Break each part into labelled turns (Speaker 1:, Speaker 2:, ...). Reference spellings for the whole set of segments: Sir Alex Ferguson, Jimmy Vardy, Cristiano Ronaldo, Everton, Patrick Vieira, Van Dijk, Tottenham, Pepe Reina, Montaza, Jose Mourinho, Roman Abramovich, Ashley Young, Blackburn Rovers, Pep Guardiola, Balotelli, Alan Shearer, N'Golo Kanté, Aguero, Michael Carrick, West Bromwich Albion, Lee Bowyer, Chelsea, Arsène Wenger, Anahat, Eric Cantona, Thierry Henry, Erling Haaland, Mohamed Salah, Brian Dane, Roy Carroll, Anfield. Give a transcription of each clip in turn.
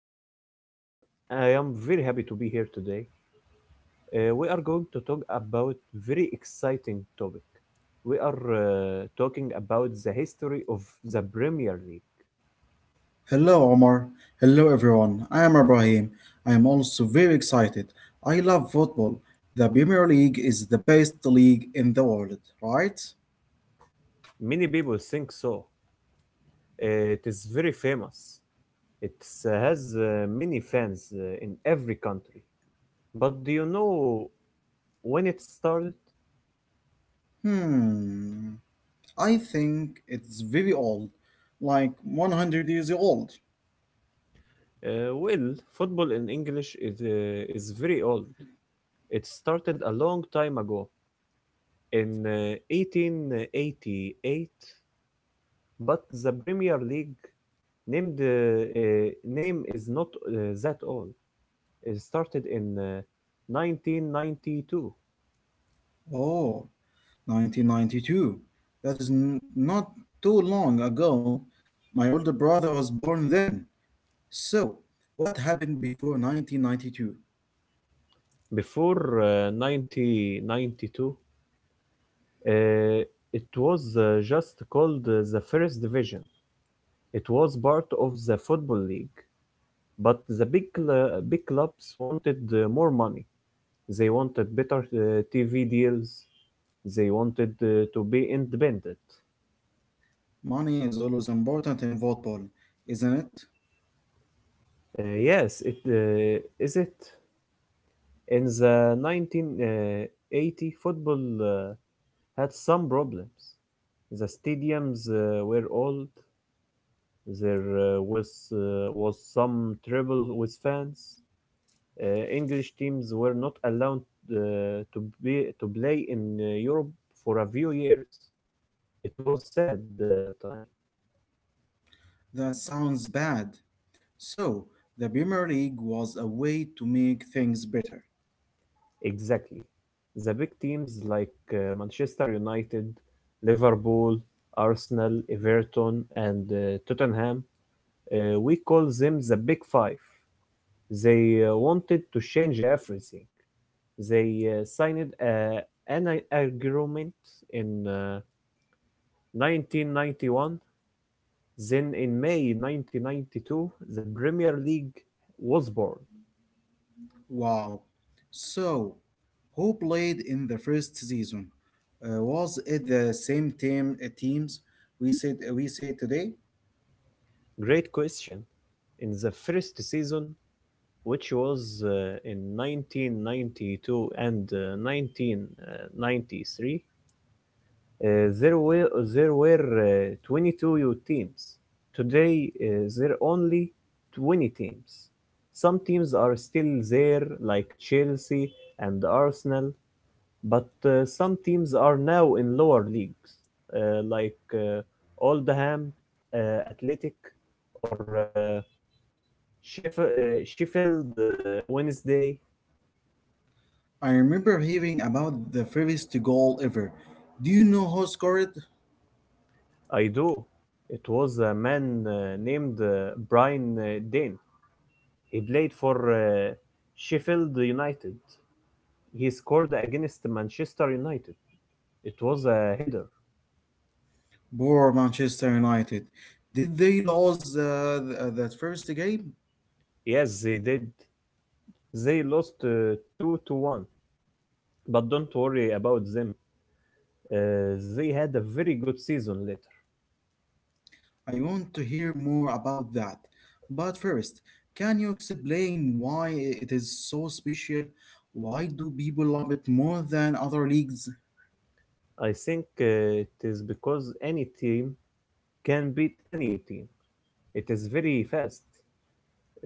Speaker 1: name is Omar. I am very happy to be here today. We are going to talk about very exciting topic. We are talking about the history of the Premier League.
Speaker 2: Hello, Omar. Hello, everyone. I am Ibrahim. I am also very excited. I love football. The Premier League is the best league in the world, right?
Speaker 1: Many people think so. It is very famous. It has many fans in every country. But do you know when it started?
Speaker 2: Hmm. I think it's very old, like 100 years old.
Speaker 1: Well, football in English is very old. It started a long time ago, in 1888, but the Premier League named name is not that old. It started in 1992.
Speaker 2: Oh, 1992. That is not too long ago. My older brother was born then. So, what happened before 1992?
Speaker 1: Before 1992, uh, it was just called the First Division. It was part of the Football League, but the big clubs wanted more money. They wanted better TV deals. They wanted to be independent.
Speaker 2: Money is always important in football, isn't it?
Speaker 1: Yes, it is it. In the 1980, football uh, had some problems. The stadiums were old. There was some trouble with fans. English teams were not allowed to play in Europe for a few years. It was sad time.
Speaker 2: That sounds bad. So, the Premier League was a way to make things better.
Speaker 1: Exactly. The big teams like Manchester United, Liverpool, Arsenal, Everton, and Tottenham, we call them the Big Five. They wanted to change everything. They signed agreement in 1991. Then in May 1992, the Premier League was born.
Speaker 2: Wow. So, who played in the first season? Was it the same teams we said we say today?
Speaker 1: Great question. In the first season, which was in 1992 and 1993, uh, there were there were 22 youth teams. Today, there are only 20 teams. Some teams are still there, like Chelsea and Arsenal, but some teams are now in lower leagues, uh, like uh, Oldham, Athletic, or Sheffield Wednesday.
Speaker 2: I remember hearing about the first goal ever. Do you know who scored it?
Speaker 1: I do. It was a man named Brian Dane. He played for Sheffield United. He scored against Manchester United. It was a header.
Speaker 2: Poor Manchester United. Did they lose that first game?
Speaker 1: Yes, they did. They lost 2 to 1. But don't worry about them. They had a very good season later.
Speaker 2: I want to hear more about that. But first, can you explain why it is so special? Why do people love it more than other leagues?
Speaker 1: I think it is because any team can beat any team. It is very fast.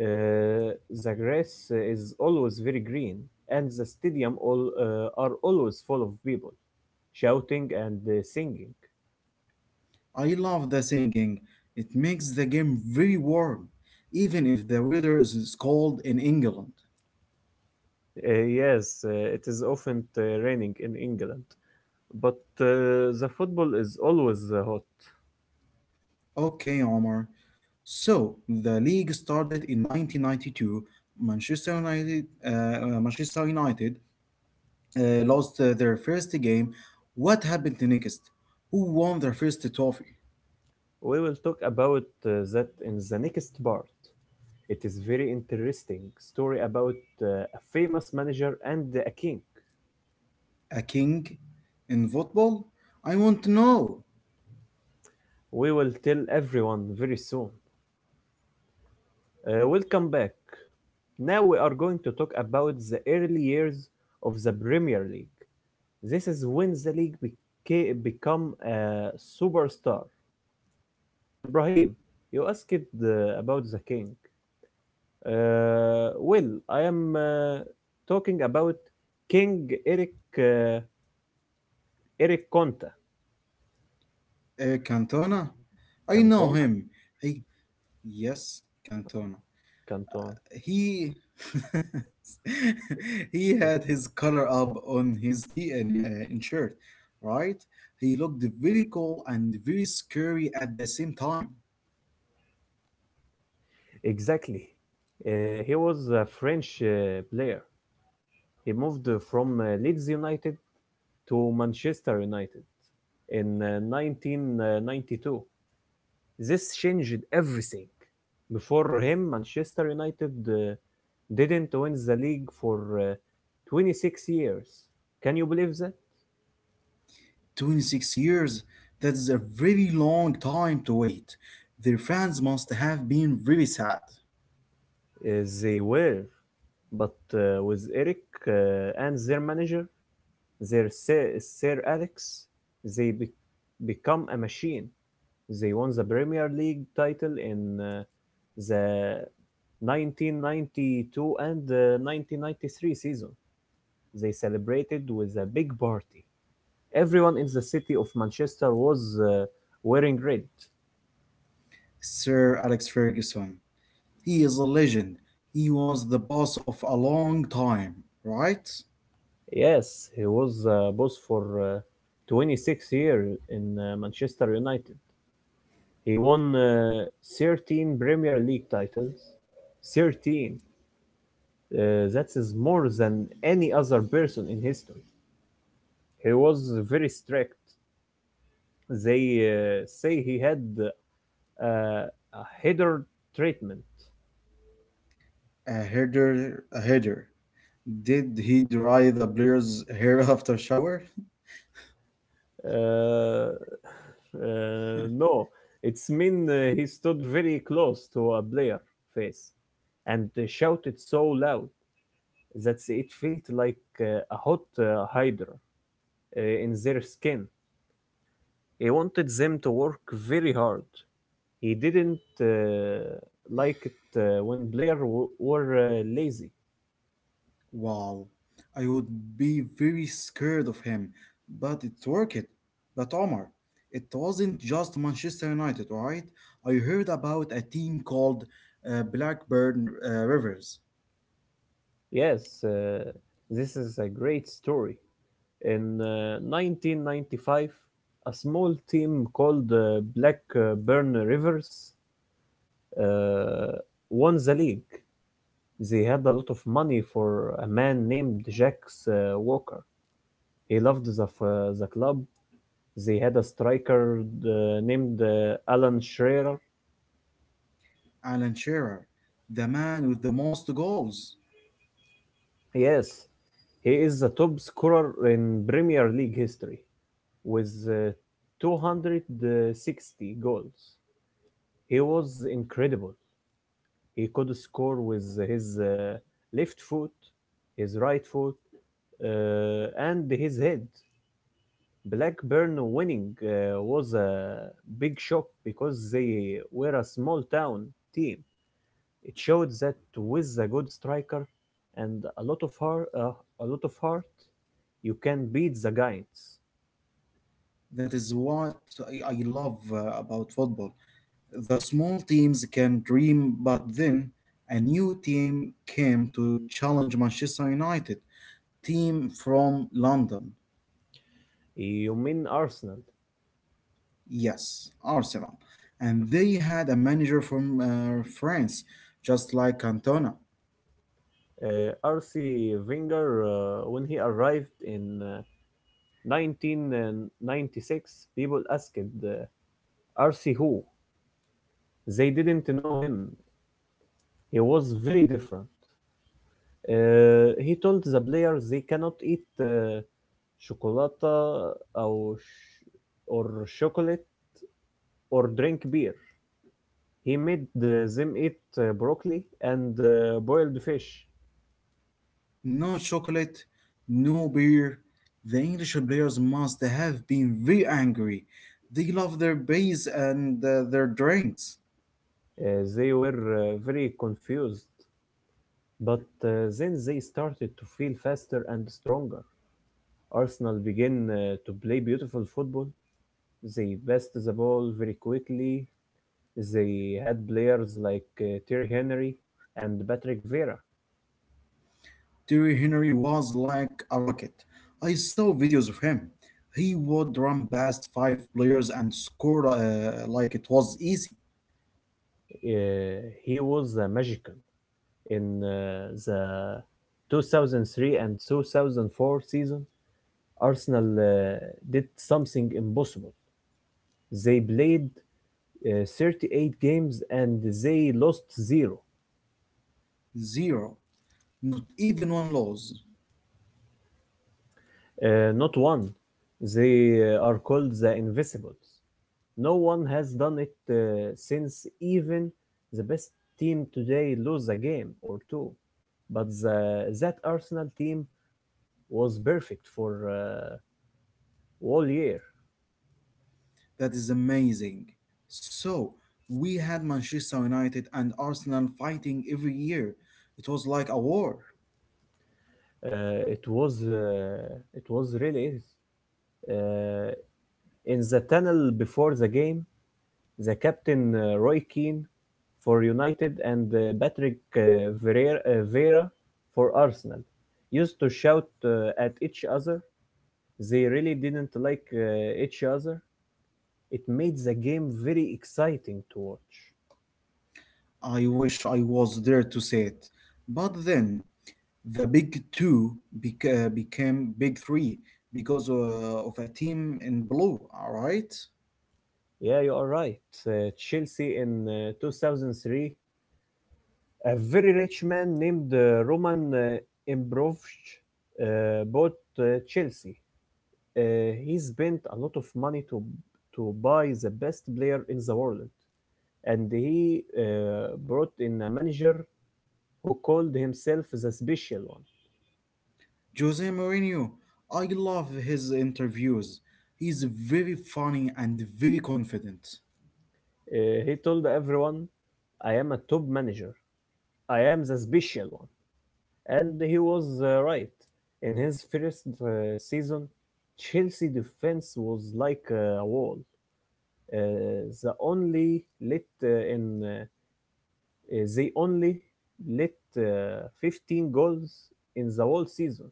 Speaker 1: Uh, the grass is always very green, and the stadium all are always full of people shouting and singing.
Speaker 2: I love the singing. It makes the game very warm, even if the weather is cold in England.
Speaker 1: Yes, it is often raining in England, but the football is always hot.
Speaker 2: Okay, Omar. So the league started in 1992. Manchester United, Manchester United lost their first game, what happened next? Who won their first trophy?
Speaker 1: We will talk about that in the next part. It is very interesting story about a famous manager and a king.
Speaker 2: A king in football? I want to know.
Speaker 1: We will tell everyone very soon. Welcome back. Now we are going to talk about the early years of the Premier League. This is when the league become a superstar. Ibrahim, you asked about the king. Well, I am talking about King uh, Eric Conta.
Speaker 2: Cantona? I know
Speaker 1: Cantona?
Speaker 2: him. I Yes, Cantona.
Speaker 1: Cantona.
Speaker 2: He he had his color up on his t and in shirt, right? He looked very cool and very scary at the same time.
Speaker 1: Exactly. He was a French player. He moved from Leeds United to Manchester United in 1992. This changed everything. Before him, Manchester United didn't win the league for 26 years. Can you believe that?
Speaker 2: 26 years? That is a very long time to wait. Their fans must have been very sad.
Speaker 1: They were. But with Eric and their manager, their Sir Alex, they become a machine. They won the Premier League title in the 1992 and 1993 season. They celebrated with a big party. Everyone in the city of Manchester was wearing red.
Speaker 2: Sir Alex Ferguson, he is a legend. He was the boss of a long time, right?
Speaker 1: Yes, he was boss for 26 years in Manchester United. He won 13 Premier League titles. 13. Uh, that is more than any other person in history. He was very strict. They say he had a header treatment.
Speaker 2: A header, a header. Did he dry the player's hair after shower?
Speaker 1: Uh, no, it's mean he stood very close to a player face and shouted so loud that it felt like a hot hydra in their skin. He wanted them to work very hard. He didn't like it when were lazy.
Speaker 2: Wow, I would be very scared of him, but it's worth it. But Omar, it wasn't just Manchester United, alright? I heard about a team called Blackburn Rivers.
Speaker 1: Yes, this is a great story. In 1995, a small team called Blackburn Rivers uh, won the league. They had a lot of money for a man named Jacques Walker. He loved the club. They had a striker named Alan Shearer.
Speaker 2: Alan Shearer, the man with the most goals.
Speaker 1: Yes, he is the top scorer in Premier League history with 260 goals. He was incredible. He could score with his left foot, his right foot, and his head. Blackburn winning was a big shock because they were a small town team. It showed that with a good striker and a lot of heart, you can beat the giants.
Speaker 2: That is what I love about football. The small teams can dream, but then a new team came to challenge Manchester United, team from London.
Speaker 1: You mean Arsenal?
Speaker 2: Yes, Arsenal. And they had a manager from France, just like Cantona.
Speaker 1: R.C. Wenger, when he arrived in 1996, people asked R.C. who? They didn't know him. He was very different. He told the players they cannot eat chocolata or chocolate or drink beer. He made them eat broccoli and boiled fish.
Speaker 2: No chocolate, no beer. The English players must have been very angry. They love their beers and their drinks.
Speaker 1: They were very confused. But then they started to feel faster and stronger. Arsenal began to play beautiful football. They passed the ball very quickly. They had players like Thierry Henry and Patrick Vieira.
Speaker 2: Thierry Henry was like a rocket. I saw videos of him. He would run past five players and score like it was easy.
Speaker 1: He was a magician in the 2003 and 2004 season. Arsenal did something impossible. They played 38 games and they lost zero.
Speaker 2: Zero. Not even one loss.
Speaker 1: Not one. They are called the Invisibles. No one has done it since, even the best team today lose a game or two. But that Arsenal team was perfect for all year.
Speaker 2: That is amazing. So we had Manchester United and Arsenal fighting every year. It was like a war.
Speaker 1: It was really is. Uh, in the tunnel before the game, the captain Roy Keane for United and Patrick Vieira for Arsenal used to shout at each other. They really didn't like each other. It made the game very exciting to watch.
Speaker 2: I wish I was there to see it. But then the big two became big three because of a team in blue, all right?
Speaker 1: Yeah, you are right. Chelsea in 2003, a very rich man named Roman Ibrahimovic bought Chelsea. He spent a lot of money to buy the best player in the world, and he brought in a manager who called himself the special one.
Speaker 2: Jose Mourinho, I love his interviews. He's very funny and very confident.
Speaker 1: He told everyone, "I am a top manager. I am the special one," and he was right. In his first season, Chelsea defense was like a wall. Uh, the only let uh, in uh, they only let 15 goals in the whole season.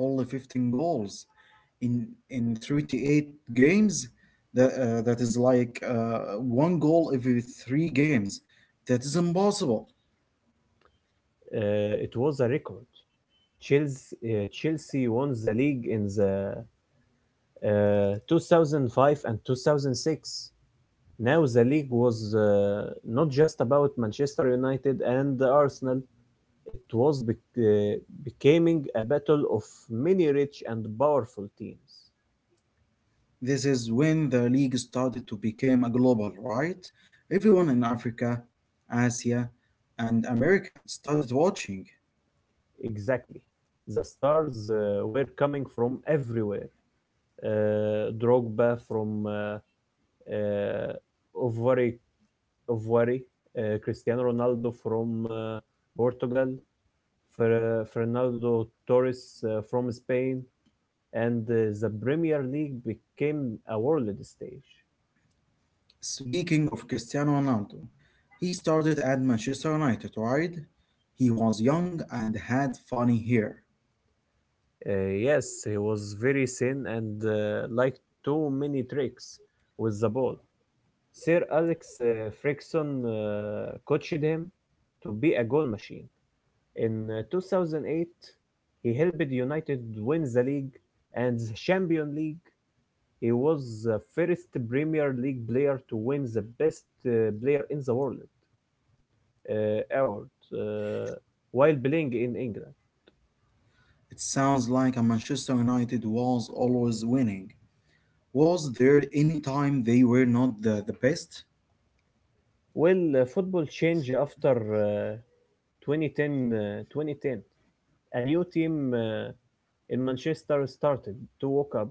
Speaker 2: Only 15 goals, in 38 games that is like one goal every three games, that is impossible.
Speaker 1: It was a record. Chelsea won the league in the 2005 and 2006. Now the league was not just about Manchester United and Arsenal. It was becoming a battle of many rich and powerful teams.
Speaker 2: This is when the league started to become a global, right? Everyone in Africa, Asia, and America started watching.
Speaker 1: Exactly. The stars were coming from everywhere. Drogba from uh, Ivory, Ivory, Cristiano Ronaldo from Portugal, Fernando Torres from Spain, and the Premier League became a world stage.
Speaker 2: Speaking of Cristiano Ronaldo, he started at Manchester United, right? He was young and had funny hair.
Speaker 1: Uh, yes, he was very thin and like too many tricks with the ball. Sir Alex Frickson coached him to be a goal machine. In 2008, he helped United win the league and the Champions League. He was the first Premier League player to win the Best Player in the World award uh, while playing in England.
Speaker 2: It sounds like a Manchester United was always winning. Was there any time they were not the best?
Speaker 1: Well, football changed after uh, 2010, uh, 2010. A new team in Manchester started to walk up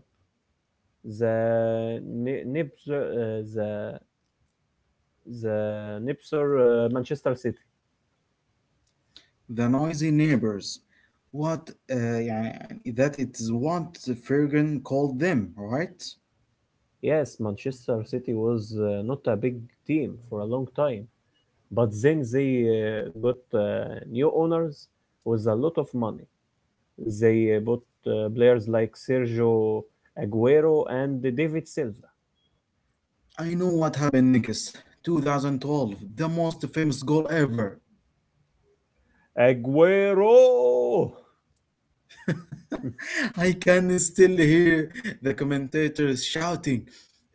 Speaker 1: the Nip- uh, the the Nipser, Manchester City.
Speaker 2: The noisy neighbors. What يعني that is what Fergan called them, right?
Speaker 1: Yes, Manchester City was not a big team for a long time, but then they got new owners with a lot of money. They bought players like Sergio Aguero and David Silva.
Speaker 2: I know what happened Nickis. 2012, the most famous goal ever.
Speaker 1: Aguero!
Speaker 2: I can still hear the commentators shouting.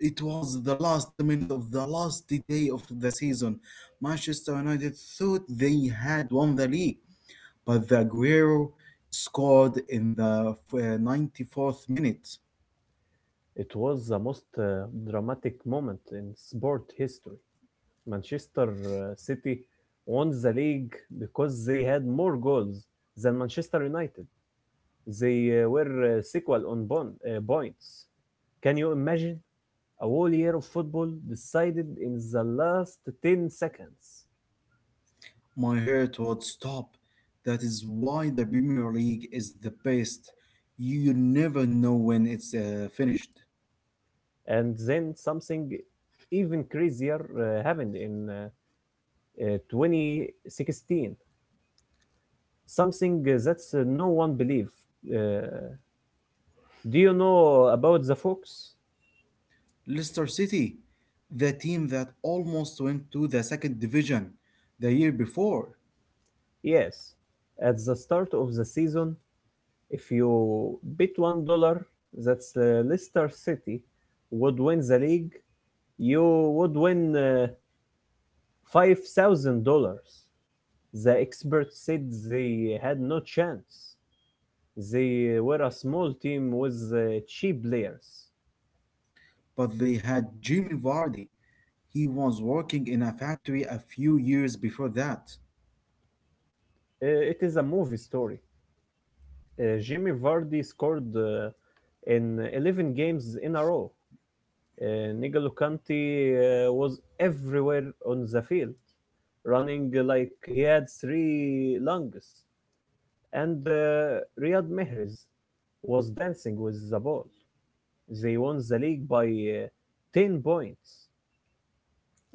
Speaker 2: It was the last minute of the last day of the season. Manchester United thought they had won the league, but the Aguero scored in the 94th minute.
Speaker 1: It was the most dramatic moment in sport history. Manchester City won the league because they had more goals than Manchester United. They were sequel on points. Can you imagine? A whole year of football decided in the last 10 seconds.
Speaker 2: My heart would stop. That is why the Premier League is the best. You never know when it's finished.
Speaker 1: And then something even crazier happened in 2016. Something that no one believed. Uh, do you know about the Fox?
Speaker 2: Leicester City, the team that almost went to the second division the year before,
Speaker 1: Yes. At the start of the season, if you bet $1 that Leicester City would win the league, you would win $5,000. The experts said they had no chance. They were a small team with cheap players.
Speaker 2: but they had Jimmy Vardy. He was working in a factory a few years before that.
Speaker 1: It is a movie story. Jimmy Vardy scored in 11 games in a row. N'Golo Kanté was everywhere on the field, running like he had three lungs. And Riyad Mahrez was dancing with the ball. They won the league by 10 points.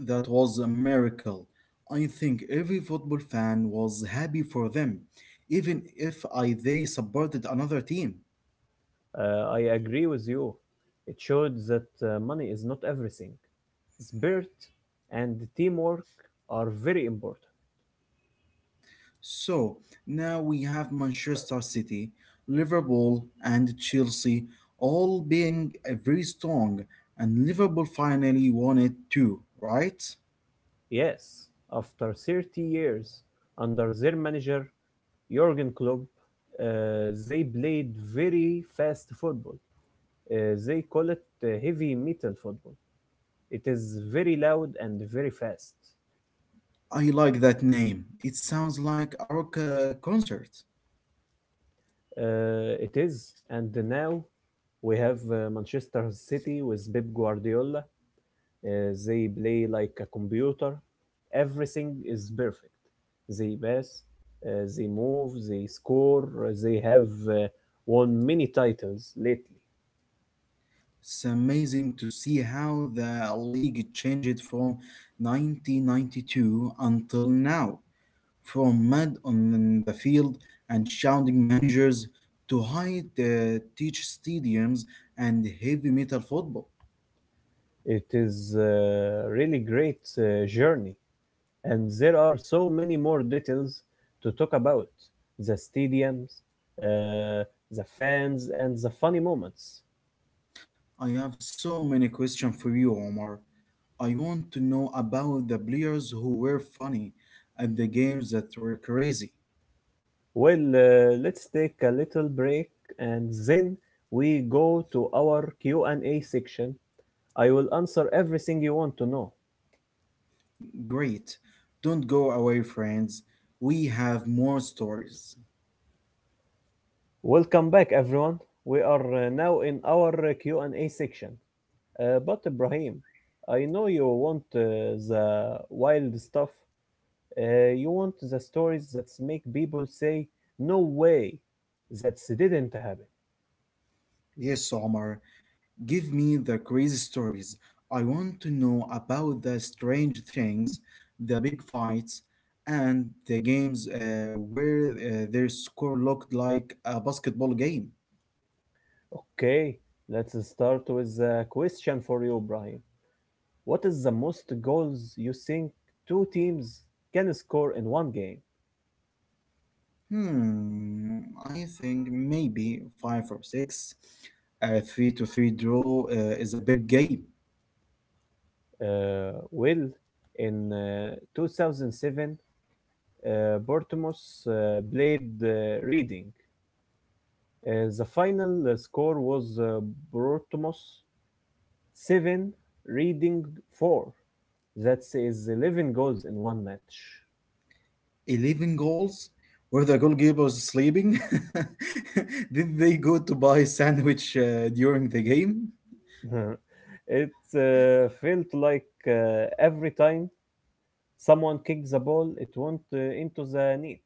Speaker 2: That was a miracle. I think every football fan was happy for them, even if I they supported another team.
Speaker 1: I agree with you. It showed that money is not everything. Spirit and teamwork are very important.
Speaker 2: So now we have Manchester City, Liverpool, and Chelsea all being very strong, and Liverpool finally won it too, right?
Speaker 1: Yes, after 30 years under their manager, Jurgen Klopp, they played very fast football. They call it heavy metal football. It is very loud and very fast.
Speaker 2: I like that name. It sounds like a rock concert.
Speaker 1: It is, and now we have Manchester City with Pep Guardiola. They play like a computer. Everything is perfect. They pass, they move, they score. They have won many titles lately.
Speaker 2: It's amazing to see how the league changed from 1992 until now, from mud on the field and shouting managers to high teach stadiums and heavy metal football.
Speaker 1: It is a really great journey, and there are so many more details to talk about: the stadiums, uh, the fans, and the funny moments.
Speaker 2: I have so many questions for you, Omar. I want to know about the players who were funny and the games that were crazy.
Speaker 1: Well, let's take a little break and then we go to our Q&A section. I will answer everything you want to know.
Speaker 2: Great. Don't go away, friends. We have more stories.
Speaker 1: Welcome back, everyone. We are now in our Q&A section. But Ibrahim, I know you want the wild stuff. You want the stories that make people say, "No way, that didn't happen."
Speaker 2: Yes, Omar, give me the crazy stories. I want to know about the strange things, the big fights, and the games where their score looked like a basketball game.
Speaker 1: Okay, let's start with a question for you, Ibrahim. What is the most goals you think two teams can score in one game?
Speaker 2: Hmm, I think maybe five or six. A three to three draw is a big game.
Speaker 1: Uh, well, in 2007, uh, Portsmouth played Reading. The final score was Portsmouth 7, Reading 4. That is 11 goals in one match.
Speaker 2: 11 goals? Were the goalkeepers sleeping? Did they go to buy a sandwich during the game?
Speaker 1: It felt like every time someone kicked the ball, it went into the net.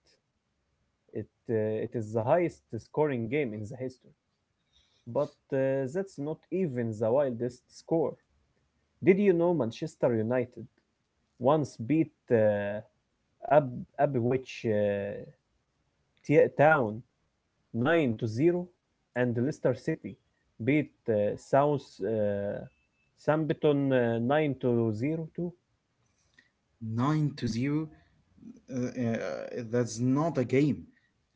Speaker 1: It is the highest scoring game in the history. But that's not even the wildest score. Did you know Manchester United once beat Abwich Town 9 to 0, and Leicester City beat South Sambiton 9 to 0 too?
Speaker 2: Nine to zero. Uh, uh, that's not a game.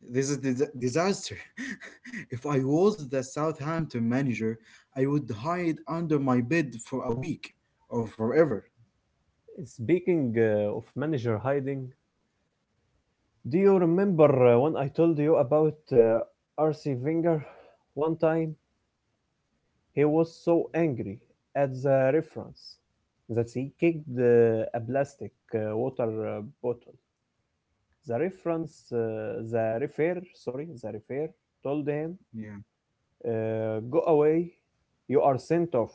Speaker 2: This is disaster. If I was the Southampton manager, I would hide under my bed for a week or forever.
Speaker 1: Speaking of manager hiding, do you remember when I told you about RC Wenger one time? He was so angry at the reference that he kicked a plastic water bottle. The reference, the refer, sorry, the referee told him,
Speaker 2: Yeah,
Speaker 1: "Go away, you are sent off."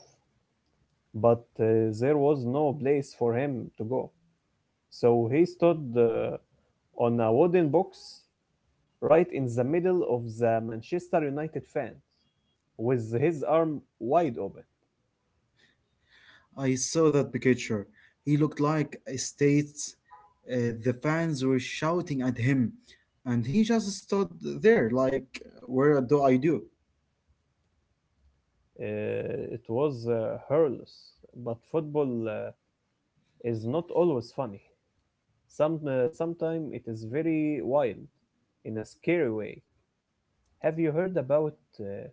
Speaker 1: But there was no place for him to go, so he stood on a wooden box right in the middle of the Manchester United fans, with his arm wide open.
Speaker 2: I saw that picture. He looked like a state. The fans were shouting at him, and he just stood there like, "Where do I do?"
Speaker 1: It was hairless, but football is not always funny. Sometimes it is very wild, in a scary way. Have you heard about uh,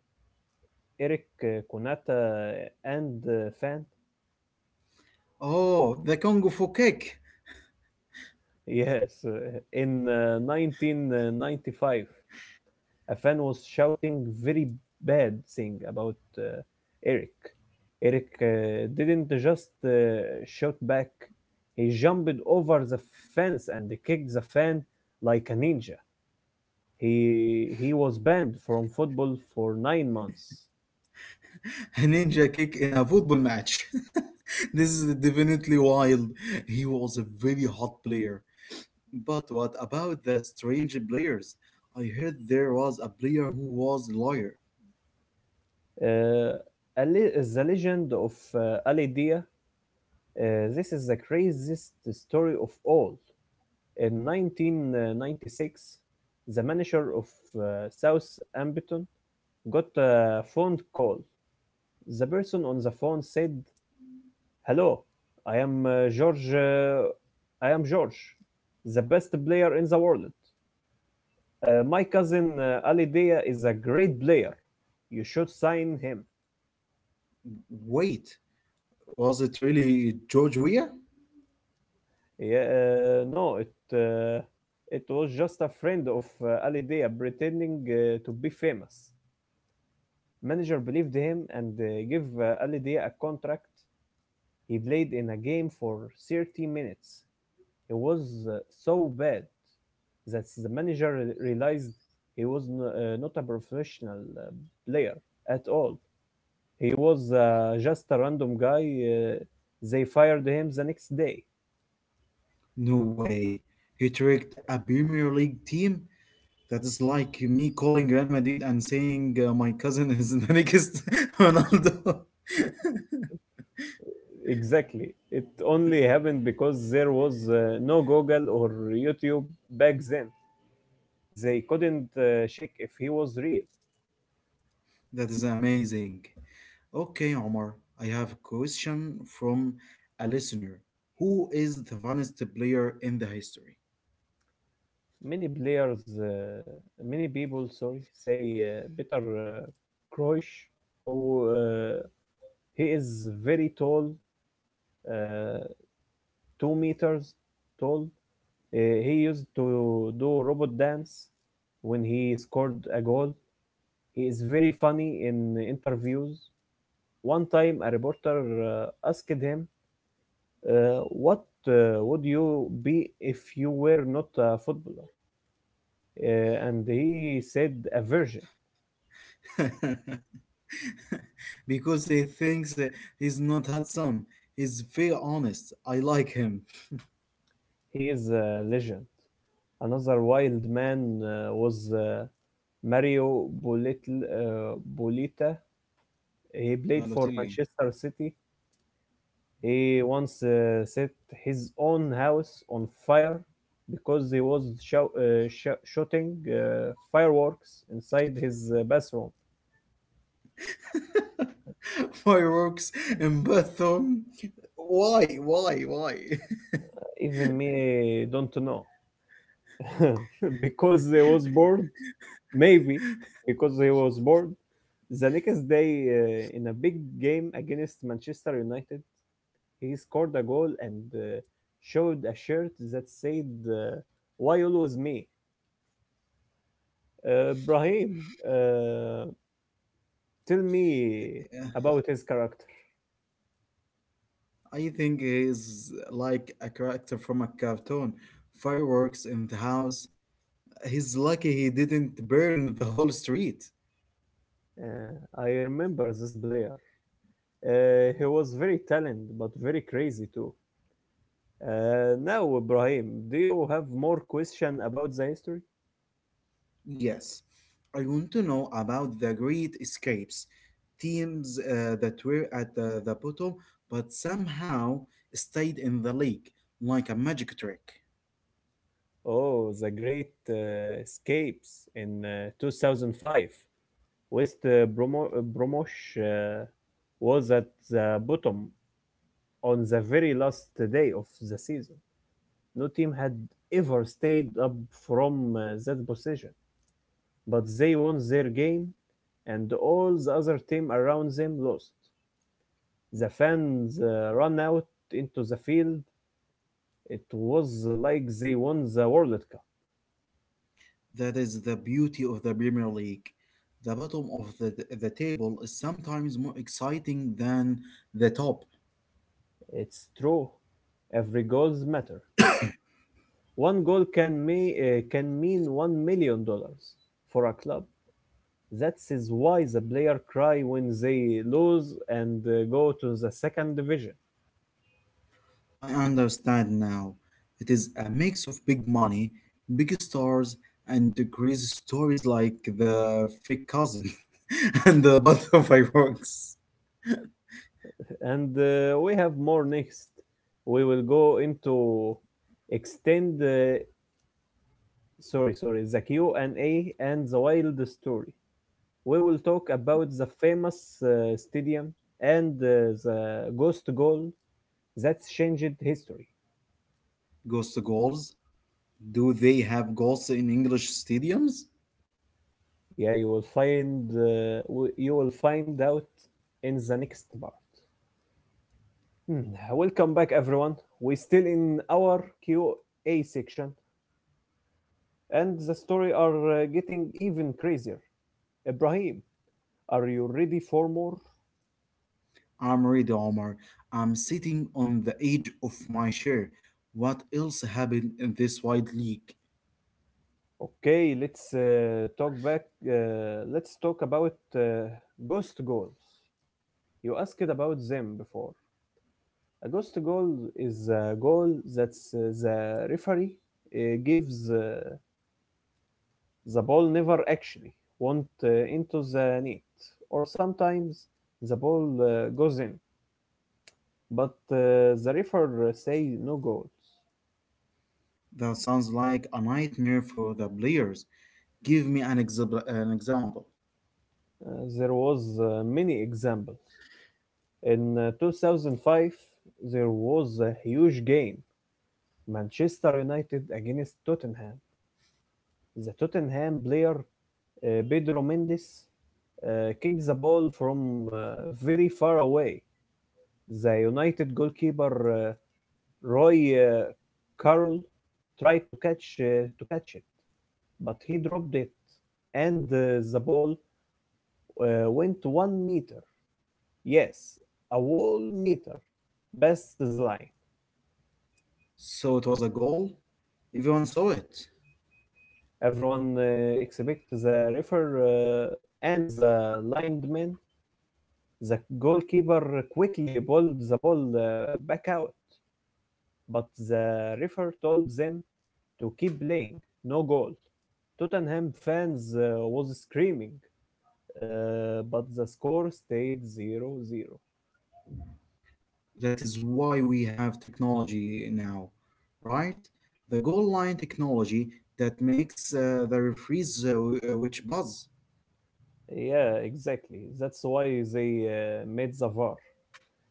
Speaker 1: Eric Konata and Fan?
Speaker 2: Oh, the Congo for kick.
Speaker 1: Yes, in 1995, a fan was shouting very bad thing about Eric. Eric didn't just shout back, he jumped over the fence and kicked the fan like a ninja. He was banned from football for 9 months.
Speaker 2: A ninja kick in a football match. This is definitely wild. He was a very hot player. But what about the strange players? I heard there was a player who was a lawyer.
Speaker 1: Uh, Ali, the legend of Ali Dia. This is the craziest story of all. In 1996, the manager of South got a phone call. The person on the phone said, "Hello, I am George. I am George, the best player in the world. My cousin Ali Dia is a great player. You should sign him."
Speaker 2: Wait, was it really George Weah?
Speaker 1: Yeah, no, it it was just a friend of Ali Dia pretending to be famous. Manager believed him and gave Ali Dia a contract. He played in a game for 30 minutes. He was uh, so bad that the manager realized he was not a professional player at all. He was just a random guy. They fired him the next day.
Speaker 2: No way. He tricked a Premier League team? That is like me calling Real Madrid and saying my cousin is the next Ronaldo.
Speaker 1: Exactly. It only happened because there was no Google or YouTube back then. They couldn't check if he was real.
Speaker 2: That is amazing. Okay, Omar, I have a question from a listener. Who is the funniest player in the history?
Speaker 1: Many people, sorry, say Peter Crouch, who he is very tall, uh, 2 meters tall. Uh, he used to do robot dance when he scored a goal. He is very funny in interviews. One time, a reporter asked him, "What would you be if you were not a footballer?" And he said, "A virgin."
Speaker 2: Because he thinks he's not handsome. He's very honest. I like him.
Speaker 1: He is a legend. Another wild man was Mario Bolita. He played for
Speaker 2: Balotelli.
Speaker 1: Manchester City. He once set his own house on fire because he was shooting fireworks inside his bathroom.
Speaker 2: Fireworks in bathroom. Why? Why? Why?
Speaker 1: Even me don't know because he was bored. Maybe because he was bored. The next day, in a big game against Manchester United, he scored a goal and showed a shirt that said, "Why always me?" Brahim, tell me
Speaker 2: Yeah,
Speaker 1: about his character.
Speaker 2: I think he's like a character from a cartoon. Fireworks in the house, he's lucky he didn't burn the whole street.
Speaker 1: I remember this player. He was very talented, but very crazy too. Now, Ibrahim, do you have more question about the history?
Speaker 2: Yes, I want to know about the great escapes, teams that were at the bottom but somehow stayed in the league like a magic trick.
Speaker 1: Oh, the great escapes in 2005. West Bromosh was at the bottom on the very last day of the season. No team had ever stayed up from that position, but they won their game, and all the other team around them lost. The fans ran out into the field. It was like they won the World Cup.
Speaker 2: That is the beauty of the Premier League. The bottom of the table is sometimes more exciting than the top.
Speaker 1: It's true. Every goal matters. One goal can mean $1 million for a club. That is why the player cry when they lose and go to the second division.
Speaker 2: I understand now. It is a mix of big money, big stars, and crazy stories like the fake cousin and the butterfly works.
Speaker 1: And we have more next. We will go into extend. Sorry, sorry, the Q and A and the wild story. We will talk about the famous stadium and the ghost goal that changed history.
Speaker 2: Ghost goals? Do they have goals in English stadiums?
Speaker 1: Yeah, you will find you will find out in the next part. Hmm, welcome back, everyone. We still in our QA section, and the story are getting even crazier. Ibrahim, are you ready for more?
Speaker 2: I'm Reid Omar. I'm sitting on the edge of my chair. What else happened in this wide league?
Speaker 1: Okay, let's talk back. Let's talk about ghost goals. You asked about them before. A ghost goal is a goal that the referee gives the ball never actually went into the net, or sometimes the ball goes in, but the referee say no goals.
Speaker 2: That sounds like a nightmare for the players. Give me an example.
Speaker 1: Uh, there was many examples. In 2005, there was a huge game, Manchester United against Tottenham. The Tottenham player Pedro Mendes kicked the ball from very far away. The United goalkeeper uh, Roy Carroll tried to catch it, but he dropped it, and the ball went 1 meter. Yes, a whole meter past the line.
Speaker 2: So it was a goal. Everyone saw it.
Speaker 1: Everyone except the referee and the lineman. The goalkeeper quickly pulled the ball back out, but the referee told them to keep playing. No goal. Tottenham fans was screaming, but the score stayed zero zero.
Speaker 2: That is why we have technology now, right? The goal line technology that makes the referees which buzz.
Speaker 1: Yeah, exactly. That's why they made the VAR.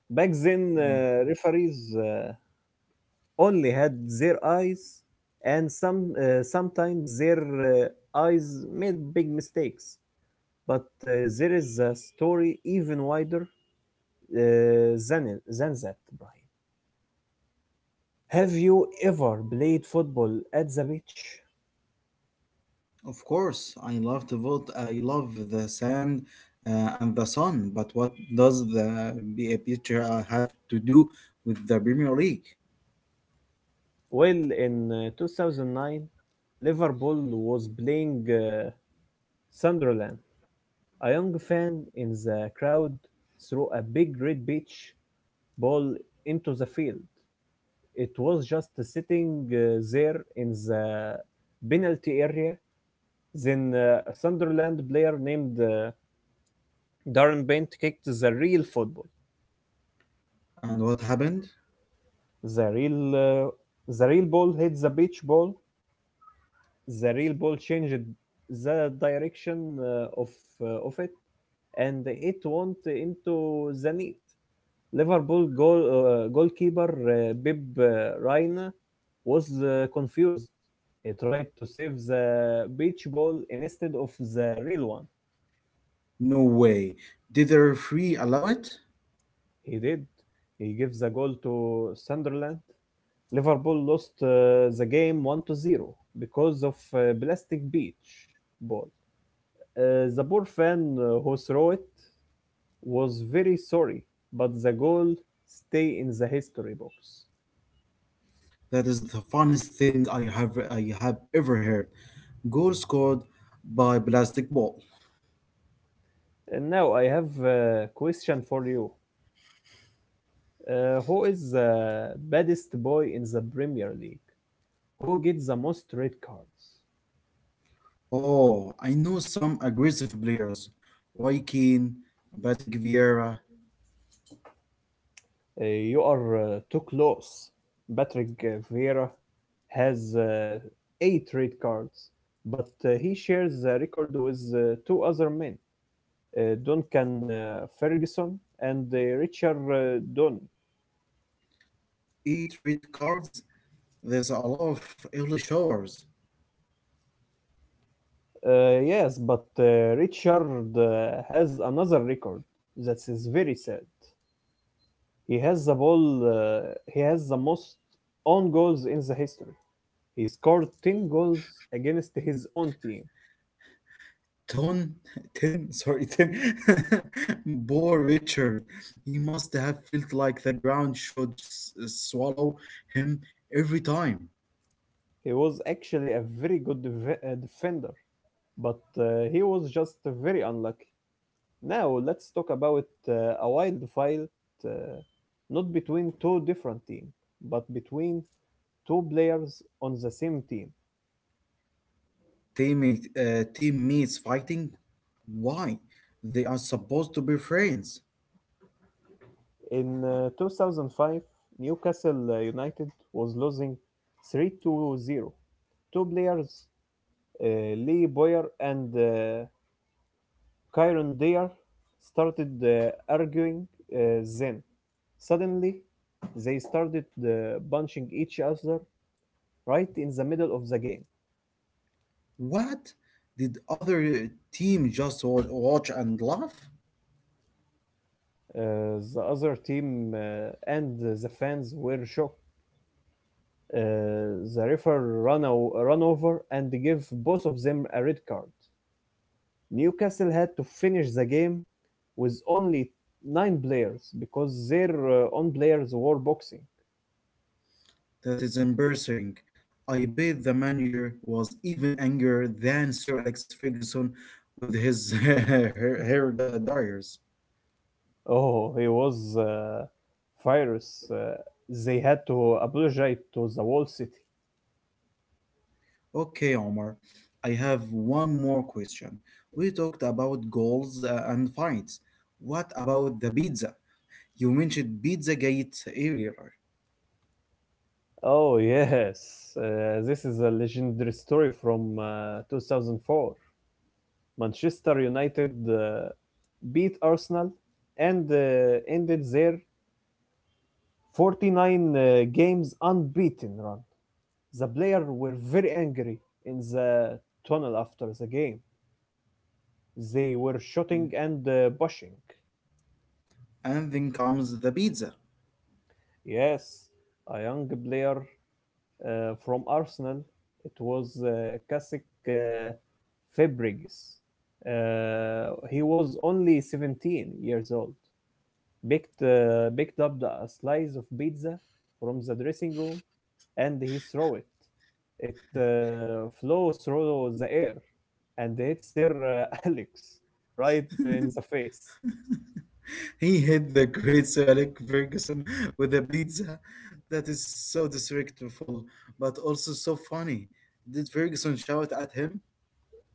Speaker 1: Back then,
Speaker 2: Mm.
Speaker 1: referees only had their eyes, and sometimes their eyes made big mistakes. But there is a story even wider than that, Brian. Have you ever played football at the beach?
Speaker 2: Of course, I love to vote. I love the sand and the sun. But what does the picture have to do with the Premier League?
Speaker 1: Well, in 2009, Liverpool was playing Sunderland. A young fan in the crowd threw a big red beach ball into the field. It was just sitting there in the penalty area. Then a Sunderland player named Darren Bent kicked the real football.
Speaker 2: And what happened?
Speaker 1: The real, uh, the real ball hit the beach ball. The real ball changed the direction of it, and it went into the net. Liverpool goalkeeper Bib Reina was confused. He tried to save the beach ball instead of the real one.
Speaker 2: No way. Did the referee allow it?
Speaker 1: He did. He gave the goal to Sunderland. Liverpool lost the game 1 to 0 because of plastic beach ball. The poor fan who threw it was very sorry, but the goal stay in the history books.
Speaker 2: That is the funniest thing I have ever heard. Goal scored by plastic ball.
Speaker 1: And now I have a question for you. Who is the baddest boy in the Premier League? Who gets the most red cards?
Speaker 2: Oh, I know some aggressive players. Roy Keane, Patrick Vieira,
Speaker 1: You are too close. Patrick Vieira has eight red cards, but he shares the record with two other men, Duncan Ferguson and Richard Dunn.
Speaker 2: eat red cards. There's a lot of early showers.
Speaker 1: Yes, but Richard has another record that is very sad. He has the ball. He has the most own goals in the history. He scored 10 goals against his own team.
Speaker 2: Ton, ten, sorry, ten. Poor Richard. He must have felt like the ground should swallow him every time.
Speaker 1: He was actually a very good defender, but he was just very unlucky. Now let's talk about a wild fight, uh, not between two different teams, but between two players on the same team.
Speaker 2: Teammates fighting? Why? They are supposed to be friends.
Speaker 1: In 2005, Newcastle United was losing 3 to 0. Two players uh, Lee Boyer and Kyron Dare started arguing uh, then. Suddenly, they started punching each other right in the middle of the game.
Speaker 2: What? Did other team just watch and laugh?
Speaker 1: The other team and the fans were shocked. The referee ran over and gave both of them a red card. Newcastle had to finish the game with only nine players because their own players were boxing.
Speaker 2: That is embarrassing. I bet the manager was even angrier than Sir Alex Ferguson with his hair dyers.
Speaker 1: Oh, he was furious. They had to apologize to the whole city.
Speaker 2: Okay, Omar, I have one more question. We talked about goals and fights. What about the pizza? You mentioned Pizza Gate earlier.
Speaker 1: Oh, yes. This is a legendary story from 2004. Manchester United beat Arsenal and ended their 49 games unbeaten run. The players were very angry in the tunnel after the game. They were shouting and pushing.
Speaker 2: And then comes the pizza.
Speaker 1: Yes, a young player from Arsenal, it was Kasik uh, Fabregas. He was only 17 years old. Picked up a slice of pizza from the dressing room and he threw it. It flew through the air and hit Sir Alex right in the face.
Speaker 2: He hit the great Sir Alec Ferguson with a pizza, that is so disrespectful, but also so funny. Did Ferguson shout at him?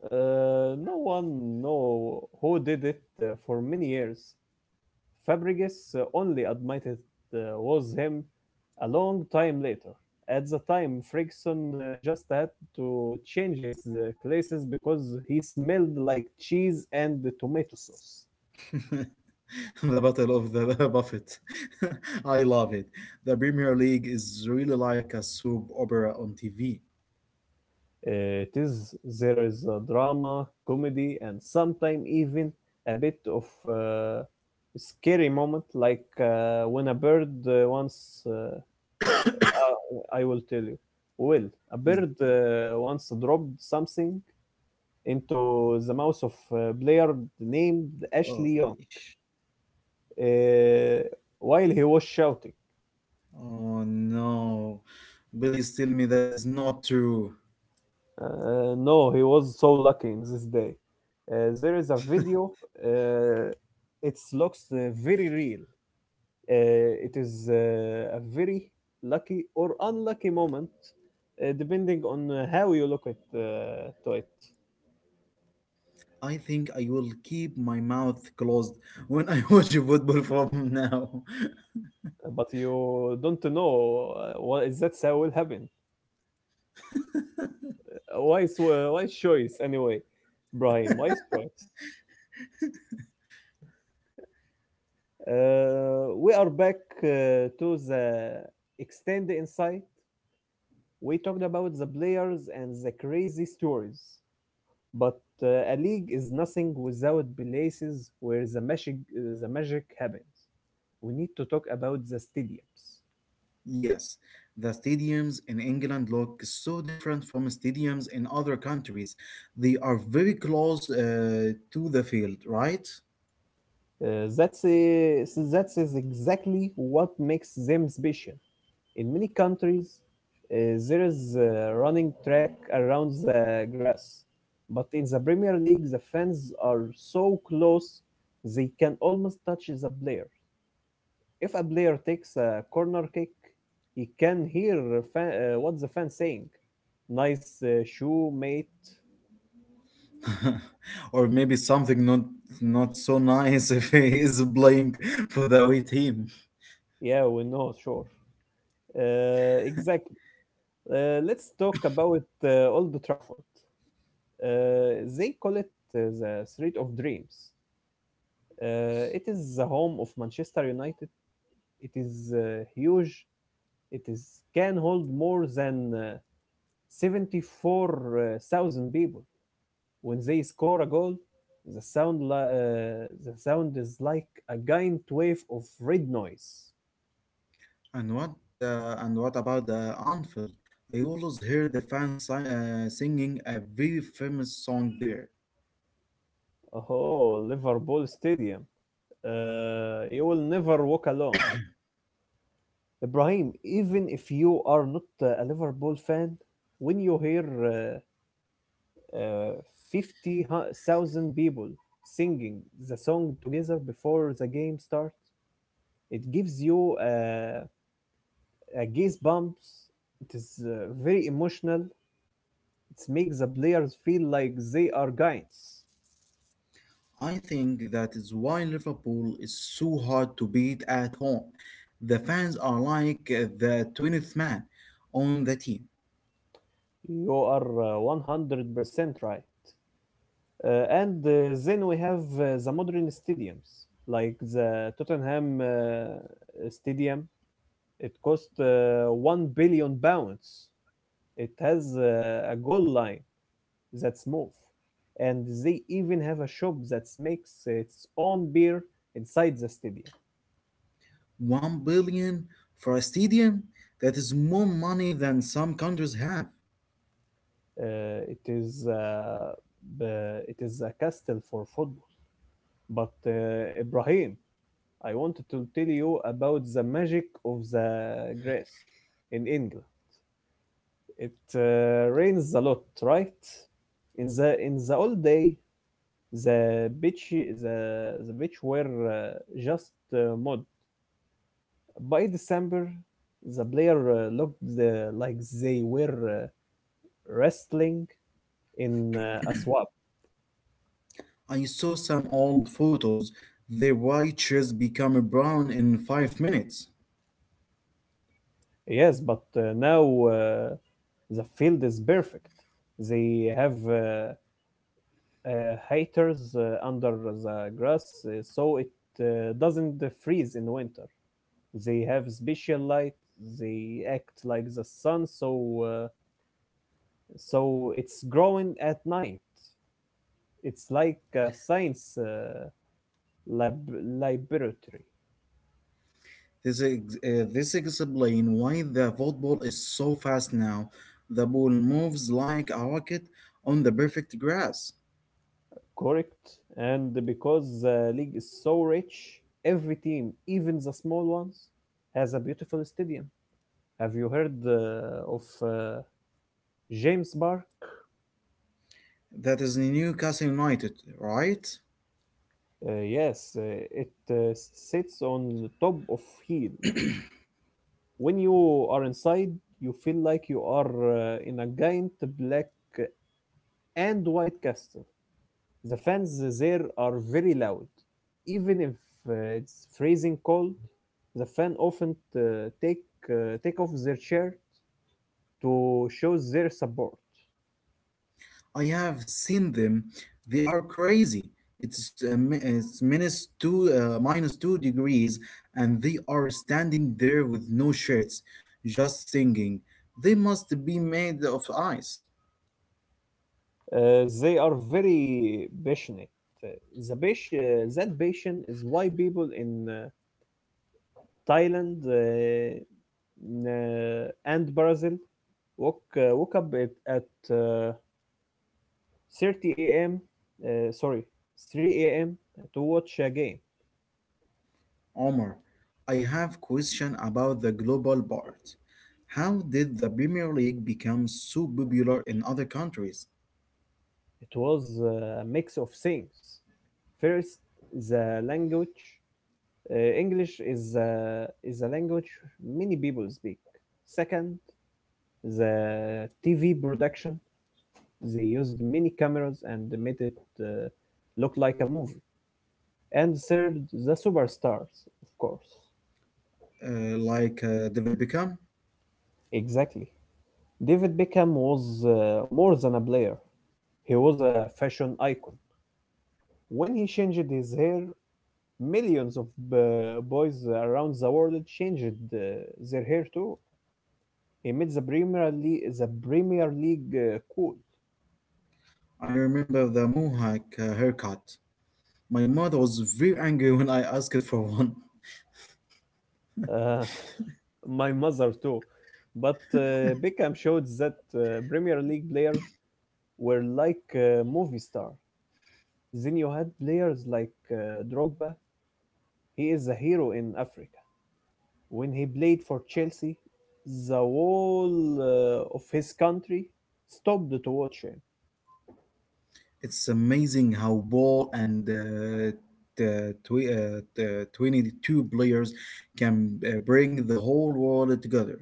Speaker 1: No one know who did it for many years. Fabregas only admitted it was him a long time later. At the time, Ferguson just had to change his glasses because he smelled like cheese and tomato sauce.
Speaker 2: The Battle of the Buffet. I love it. The Premier League is really like a soap opera on TV.
Speaker 1: It is There is a drama, comedy, and sometimes even a bit of scary moment, like when a bird once. Uh, I will tell you. Well, a
Speaker 2: Mm.
Speaker 1: bird once dropped something into the mouth of a player named
Speaker 2: Oh
Speaker 1: Ashley
Speaker 2: my
Speaker 1: Young
Speaker 2: gosh.
Speaker 1: uh, while he was shouting.
Speaker 2: Oh no. Billy's telling me that is not true.
Speaker 1: No, he was so lucky in this day. There is a video. Uh, it looks very real. It is a very lucky or unlucky moment, depending on how you look at to it.
Speaker 2: I think I will keep my mouth closed when I watch football from now.
Speaker 1: But you don't know what is that will happen. Wise choice anyway, Ibrahim, wise choice. We are back to the extend insight. We talked about the players and the crazy stories, but a league is nothing without places where the magic happens. We need to talk about the stadiums.
Speaker 2: Yes, the stadiums in England look so different from stadiums in other countries. They are very close to the field, right?
Speaker 1: Uh, that's uh, so that's is exactly what makes them special. In many countries, uh, there is a running track around the grass, but in the Premier League, the fans are so close they can almost touch the player. If a player takes a corner kick, he can hear what the fans saying. Nice shoe, mate.
Speaker 2: Or maybe something not so nice if he is playing for the away team.
Speaker 1: Yeah, we know, sure. Exactly. Let's talk about Old Trafford. They call it the Street of Dreams. It is the home of Manchester United. It is huge. It is can hold more than 74,000 people. When they score a goal, the sound is like a giant wave of red noise.
Speaker 2: And what and what about the Anfield? I always hear the fans singing a very famous song there.
Speaker 1: Oh, Liverpool Stadium. You will never walk alone. Ibrahim, even if you are not a Liverpool fan, when you hear uh, 50,000 people singing the song together before the game starts. It gives you a goosebumps. It is very emotional. It makes the players feel like they are giants.
Speaker 2: I think that is why Liverpool is so hard to beat at home. The fans are like the 20th man on the team.
Speaker 1: You are 100% right. And then we have the modern stadiums, like the Tottenham Stadium. It cost 1 billion pounds. It has a goal line that's mauve. And they even have a shop that makes its own beer inside the stadium.
Speaker 2: 1 billion for a stadium? That is more money than some countries have.
Speaker 1: Uh, it is uh, it is a castle for football. But Ibrahim, I wanted to tell you about the magic of the grass in England. It rains a lot, right? In the old day, the beach were just mud. By December, the player looked like they were wrestling in a swamp.
Speaker 2: I saw some old photos. Their white shirts become brown in 5 minutes.
Speaker 1: Yes, but now uh, the field is perfect. They have haters under the grass so it doesn't freeze in winter. They have special light. They act like the sun, so it's growing at night. It's like a science. Laboratory.
Speaker 2: This explains why the football is so fast now. The ball moves like a rocket on the perfect grass.
Speaker 1: Correct. And because the league is so rich, every team, even the small ones, has a beautiful stadium. Have you heard of James Park?
Speaker 2: That is Newcastle United, right?
Speaker 1: Yes, it sits on the top of hill. When you are inside, you feel like you are in a giant black and white castle. The fans there are very loud. Even if it's freezing cold, the fan often take off their shirt to show their support.
Speaker 2: I have seen them. They are crazy. It's minus two, minus 2 degrees, and they are standing there with no shirts, just singing. They must be made of ice.
Speaker 1: They are very passionate. Uh, The passion, that passion is why people in Thailand and Brazil woke up at 30 a.m. Sorry, 3 a.m. to watch a game.
Speaker 2: Omar, I have question about the global part. How did the Premier League become so popular in other countries?
Speaker 1: It was a mix of things. First, the language. English is a language many people speak. Second, the TV production. They used many cameras and made it look like a movie. And third, the superstars, of course.
Speaker 2: Like David Beckham?
Speaker 1: Exactly. David Beckham was more than a player. He was a fashion icon. When he changed his hair, millions of boys around the world changed their hair too. He made the Premier League cool.
Speaker 2: I remember the Mohawk haircut. My mother was very angry when I asked for one.
Speaker 1: Uh, my mother too. But Beckham showed that Premier League players were like movie stars. Then you had players like Drogba. He is a hero in Africa. When he played for Chelsea, the whole of his country stopped to watch him.
Speaker 2: It's amazing how ball and the 22 players can bring the whole world together.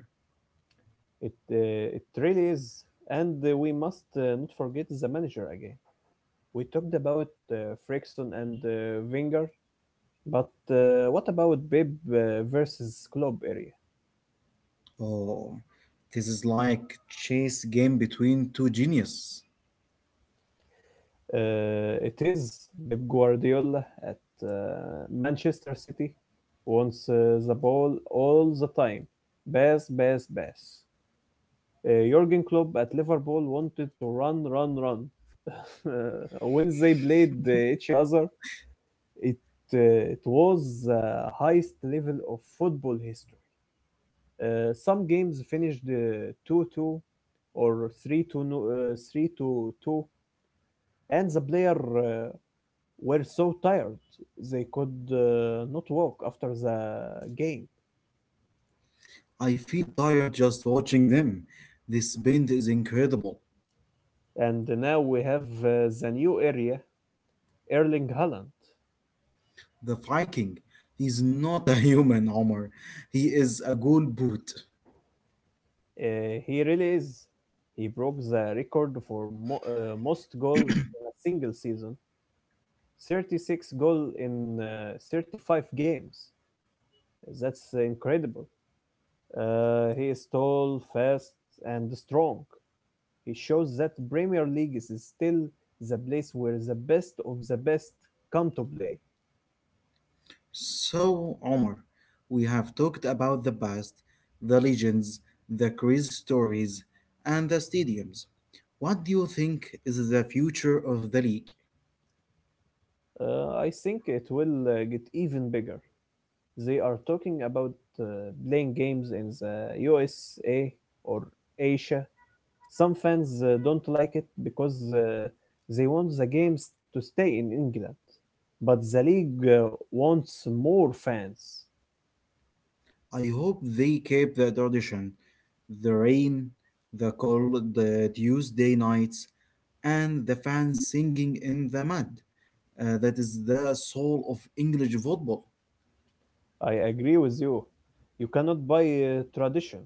Speaker 1: It really is, and we must not forget the manager again. We talked about Frickson and Wenger, but what about Pep versus Klopp area?
Speaker 2: Oh, this is like chess game between two geniuses.
Speaker 1: It is Pep Guardiola at uh, Manchester City wants the ball all the time. Pass, pass, pass. Jurgen Klopp at Liverpool wanted to run, run, run. when they played each other, It uh, it was the highest level of football history. Some games finished 2-2 or 3 to no- uh, 3-2, and the player were so tired they could not walk after the game.
Speaker 2: I feel tired just watching them. This band is incredible.
Speaker 1: And now we have the new area, Erling Haaland.
Speaker 2: The Viking is not a human, Omar. He is a gold boot.
Speaker 1: He really is. He broke the record for most goals in a single season. 36 goal in 35 games. That's incredible. He is tall, fast, and strong. He shows that Premier League is still the place where the best of the best come to play.
Speaker 2: So, Omar, we have talked about the past, the legends, the crazy stories, and the stadiums. What do you think is the future of the league?
Speaker 1: I think it will get even bigger. They are talking about uh, playing games in the USA or Asia. Some fans don't like it because they want the games to stay in England, but the league wants more fans.
Speaker 2: I hope they keep the tradition, the rain, the cold the Tuesday nights, and the fans singing in the mud. That is the soul of English football.
Speaker 1: I agree with you. You cannot buy tradition.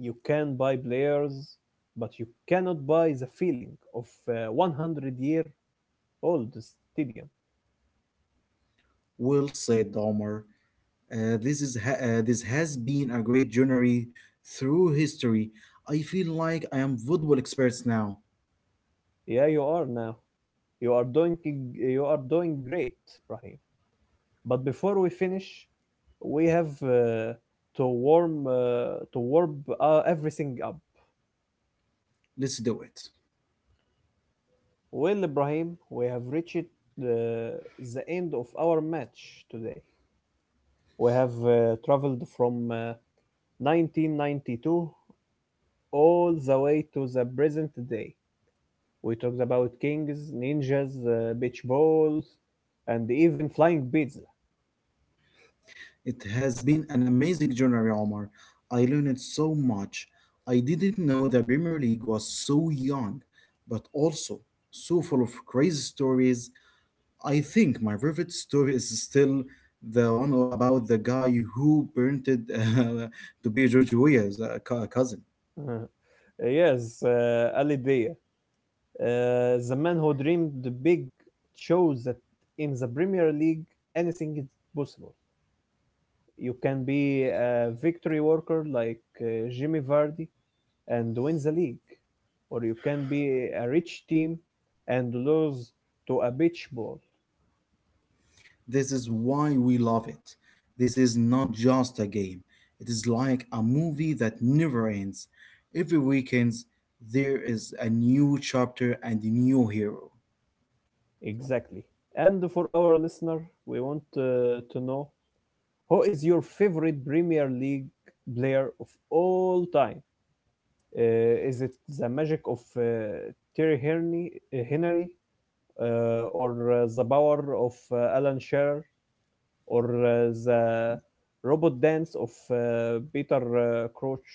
Speaker 1: You can buy players, but you cannot buy the feeling of a 100 year old stadium.
Speaker 2: Well said, Omar. This has been a great journey through history. I feel like I am football experts now.
Speaker 1: Yeah, you are now. You are doing you are doing great, Rahim. But before we finish, we have to warm everything up.
Speaker 2: Let's do it.
Speaker 1: Well, Ibrahim, we have reached the, the end of our match today. We have traveled from 1992 all the way to the present day. We talked about kings, ninjas, beach balls, and even flying pizza.
Speaker 2: It has been an amazing journey, Omar. I learned so much. I didn't know the Premier League was so young, but also so full of crazy stories. I think my favorite story is still the one about the guy who parented uh, to be George Weah's cousin.
Speaker 1: yes, Ali Dia. The man who dreamed big shows that in the Premier League, anything is possible. You can be a victory worker like Jimmy Vardy and win the league, or you can be a rich team and lose to a beach ball.
Speaker 2: This is why we love it. This is not just a game. It is like a movie that never ends. Every weekend there is a new chapter and a new hero.
Speaker 1: Exactly. And for our listener, we want to know who is your favorite Premier League player of all time? Uh, is it the magic of Henry or the power of Alan Shearer, or the robot dance of Peter Crouch.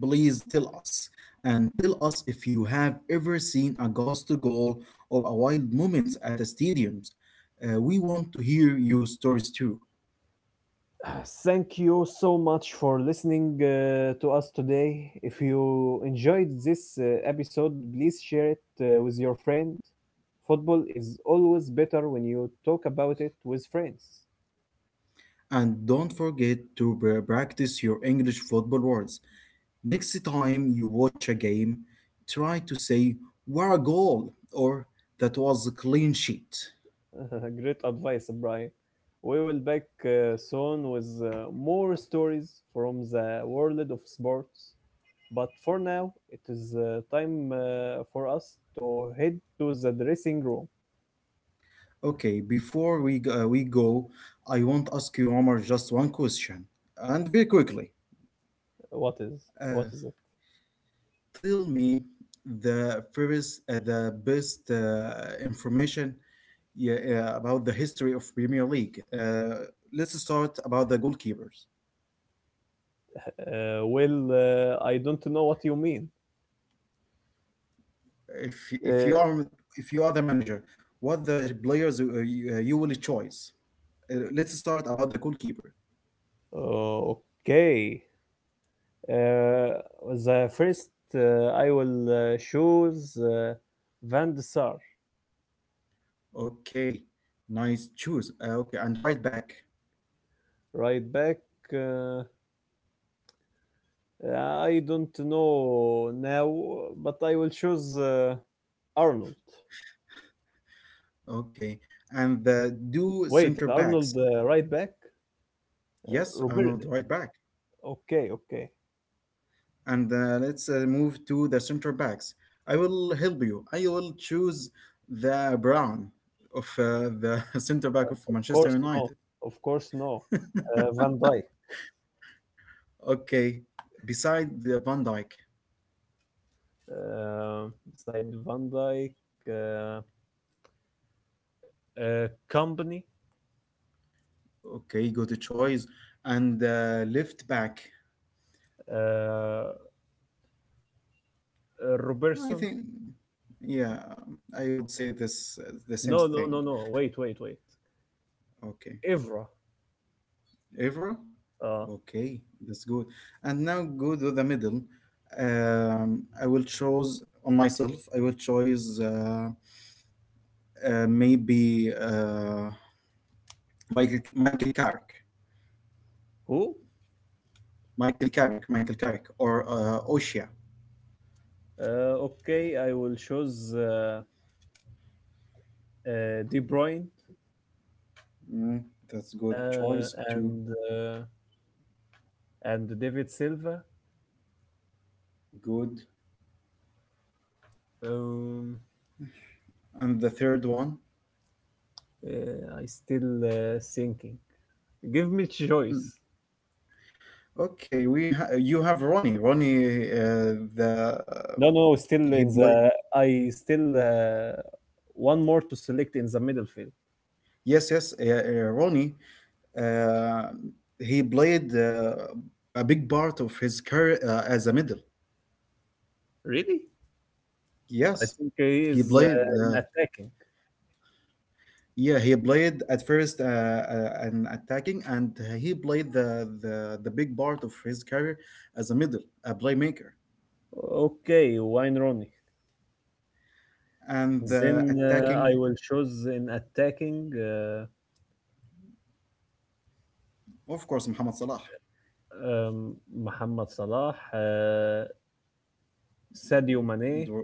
Speaker 2: Please tell us and tell us if you have ever seen a ghost goal or a wild moment at a stadium. We want to hear your stories too.
Speaker 1: Thank you so much for listening to us today. If you enjoyed this episode, please share it with your friend. Football is always better when you talk about it with friends.
Speaker 2: And don't forget to practice your English football words. Next time you watch a game, try to say, "What a goal!" or "That was a clean sheet."
Speaker 1: Great advice, Brian. We will back soon with more stories from the world of sports. But for now, it is time for us to head to the dressing room.
Speaker 2: Okay, before we go, I want to ask you, Omar, just one question. And very quickly,
Speaker 1: What is what
Speaker 2: uh,
Speaker 1: is it?
Speaker 2: tell me the best information, yeah, yeah, about the history of Premier League. Let's start about the goalkeepers.
Speaker 1: Well, I don't know what you mean.
Speaker 2: If
Speaker 1: Uh,
Speaker 2: you are if you are the manager, what the players you will choose? Let's start about the goalkeeper.
Speaker 1: okay. Uh, the first I will choose Van de Sar,
Speaker 2: Okay, nice choose. Okay, and right back.
Speaker 1: right back. Uh, I don't know now, but I will choose Arnold.
Speaker 2: Okay, and the do
Speaker 1: Wait,
Speaker 2: center
Speaker 1: Arnold
Speaker 2: backs.
Speaker 1: right back?
Speaker 2: Yes, I'm
Speaker 1: Robert.
Speaker 2: on the right back.
Speaker 1: Okay, okay.
Speaker 2: And let's move to the center backs. I will help you. I will choose the Brown of the center back of
Speaker 1: Of
Speaker 2: Manchester
Speaker 1: course
Speaker 2: United.
Speaker 1: no. Of course no. Van Dyke.
Speaker 2: Okay, beside the Van Dijk.
Speaker 1: Uh, Side Van Dyke. Uh, company.
Speaker 2: Okay, go to choice and left back.
Speaker 1: Uh,
Speaker 2: No, I
Speaker 1: Robertson.
Speaker 2: think, yeah, I would say this the same
Speaker 1: No, no, no,
Speaker 2: thing.
Speaker 1: no. Wait, wait, wait.
Speaker 2: Okay,
Speaker 1: Evra.
Speaker 2: Evra.
Speaker 1: Uh,
Speaker 2: Okay, that's good. And now go to the middle. I will choose on myself. I will choose maybe Michael Carrick,
Speaker 1: who?
Speaker 2: Michael Carrick, Michael Carrick, or Osha.
Speaker 1: Okay, I will choose De Bruyne
Speaker 2: Mm, that's good
Speaker 1: uh,
Speaker 2: choice too.
Speaker 1: and uh, and David Silva.
Speaker 2: Good.
Speaker 1: Um,
Speaker 2: And the third one.
Speaker 1: uh, I still thinking. Give me
Speaker 2: Mm.
Speaker 1: choice.
Speaker 2: Okay, you have Ronnie. Ronnie, the
Speaker 1: No, no, still
Speaker 2: he
Speaker 1: in
Speaker 2: played.
Speaker 1: the. I still one more to select in the middle field.
Speaker 2: Yes, yes, Ronnie. Uh, he played a big part of his career as a middle.
Speaker 1: Really? I
Speaker 2: Yes,
Speaker 1: think he
Speaker 2: he
Speaker 1: is
Speaker 2: played.
Speaker 1: in attacking.
Speaker 2: Yeah, he played at first an attacking, and he played the big part of his career as a middle, a playmaker,
Speaker 1: Okay, Wayne Rooney.
Speaker 2: and the
Speaker 1: Then I
Speaker 2: attacking,
Speaker 1: will choose in attacking
Speaker 2: of course, Mohamed Salah,
Speaker 1: um, Mohamed Salah, Sadio Mane.
Speaker 2: Dro-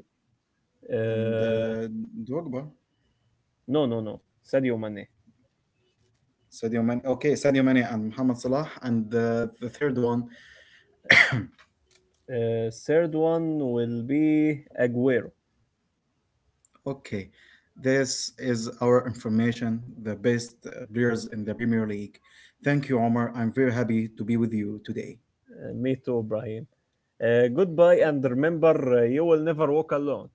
Speaker 2: and
Speaker 1: Uh,
Speaker 2: Drogba.
Speaker 1: no, no, no, Sadio Mane.
Speaker 2: Sadio Mane. Okay, Sadio Mane and Mohamed Salah. And the third one.
Speaker 1: Third one will be Aguero.
Speaker 2: Okay, this is our information, the best players in the Premier League. Thank you, Omar. I'm very happy to be with you today.
Speaker 1: Me too, Brahim. Goodbye and remember, you will never walk alone.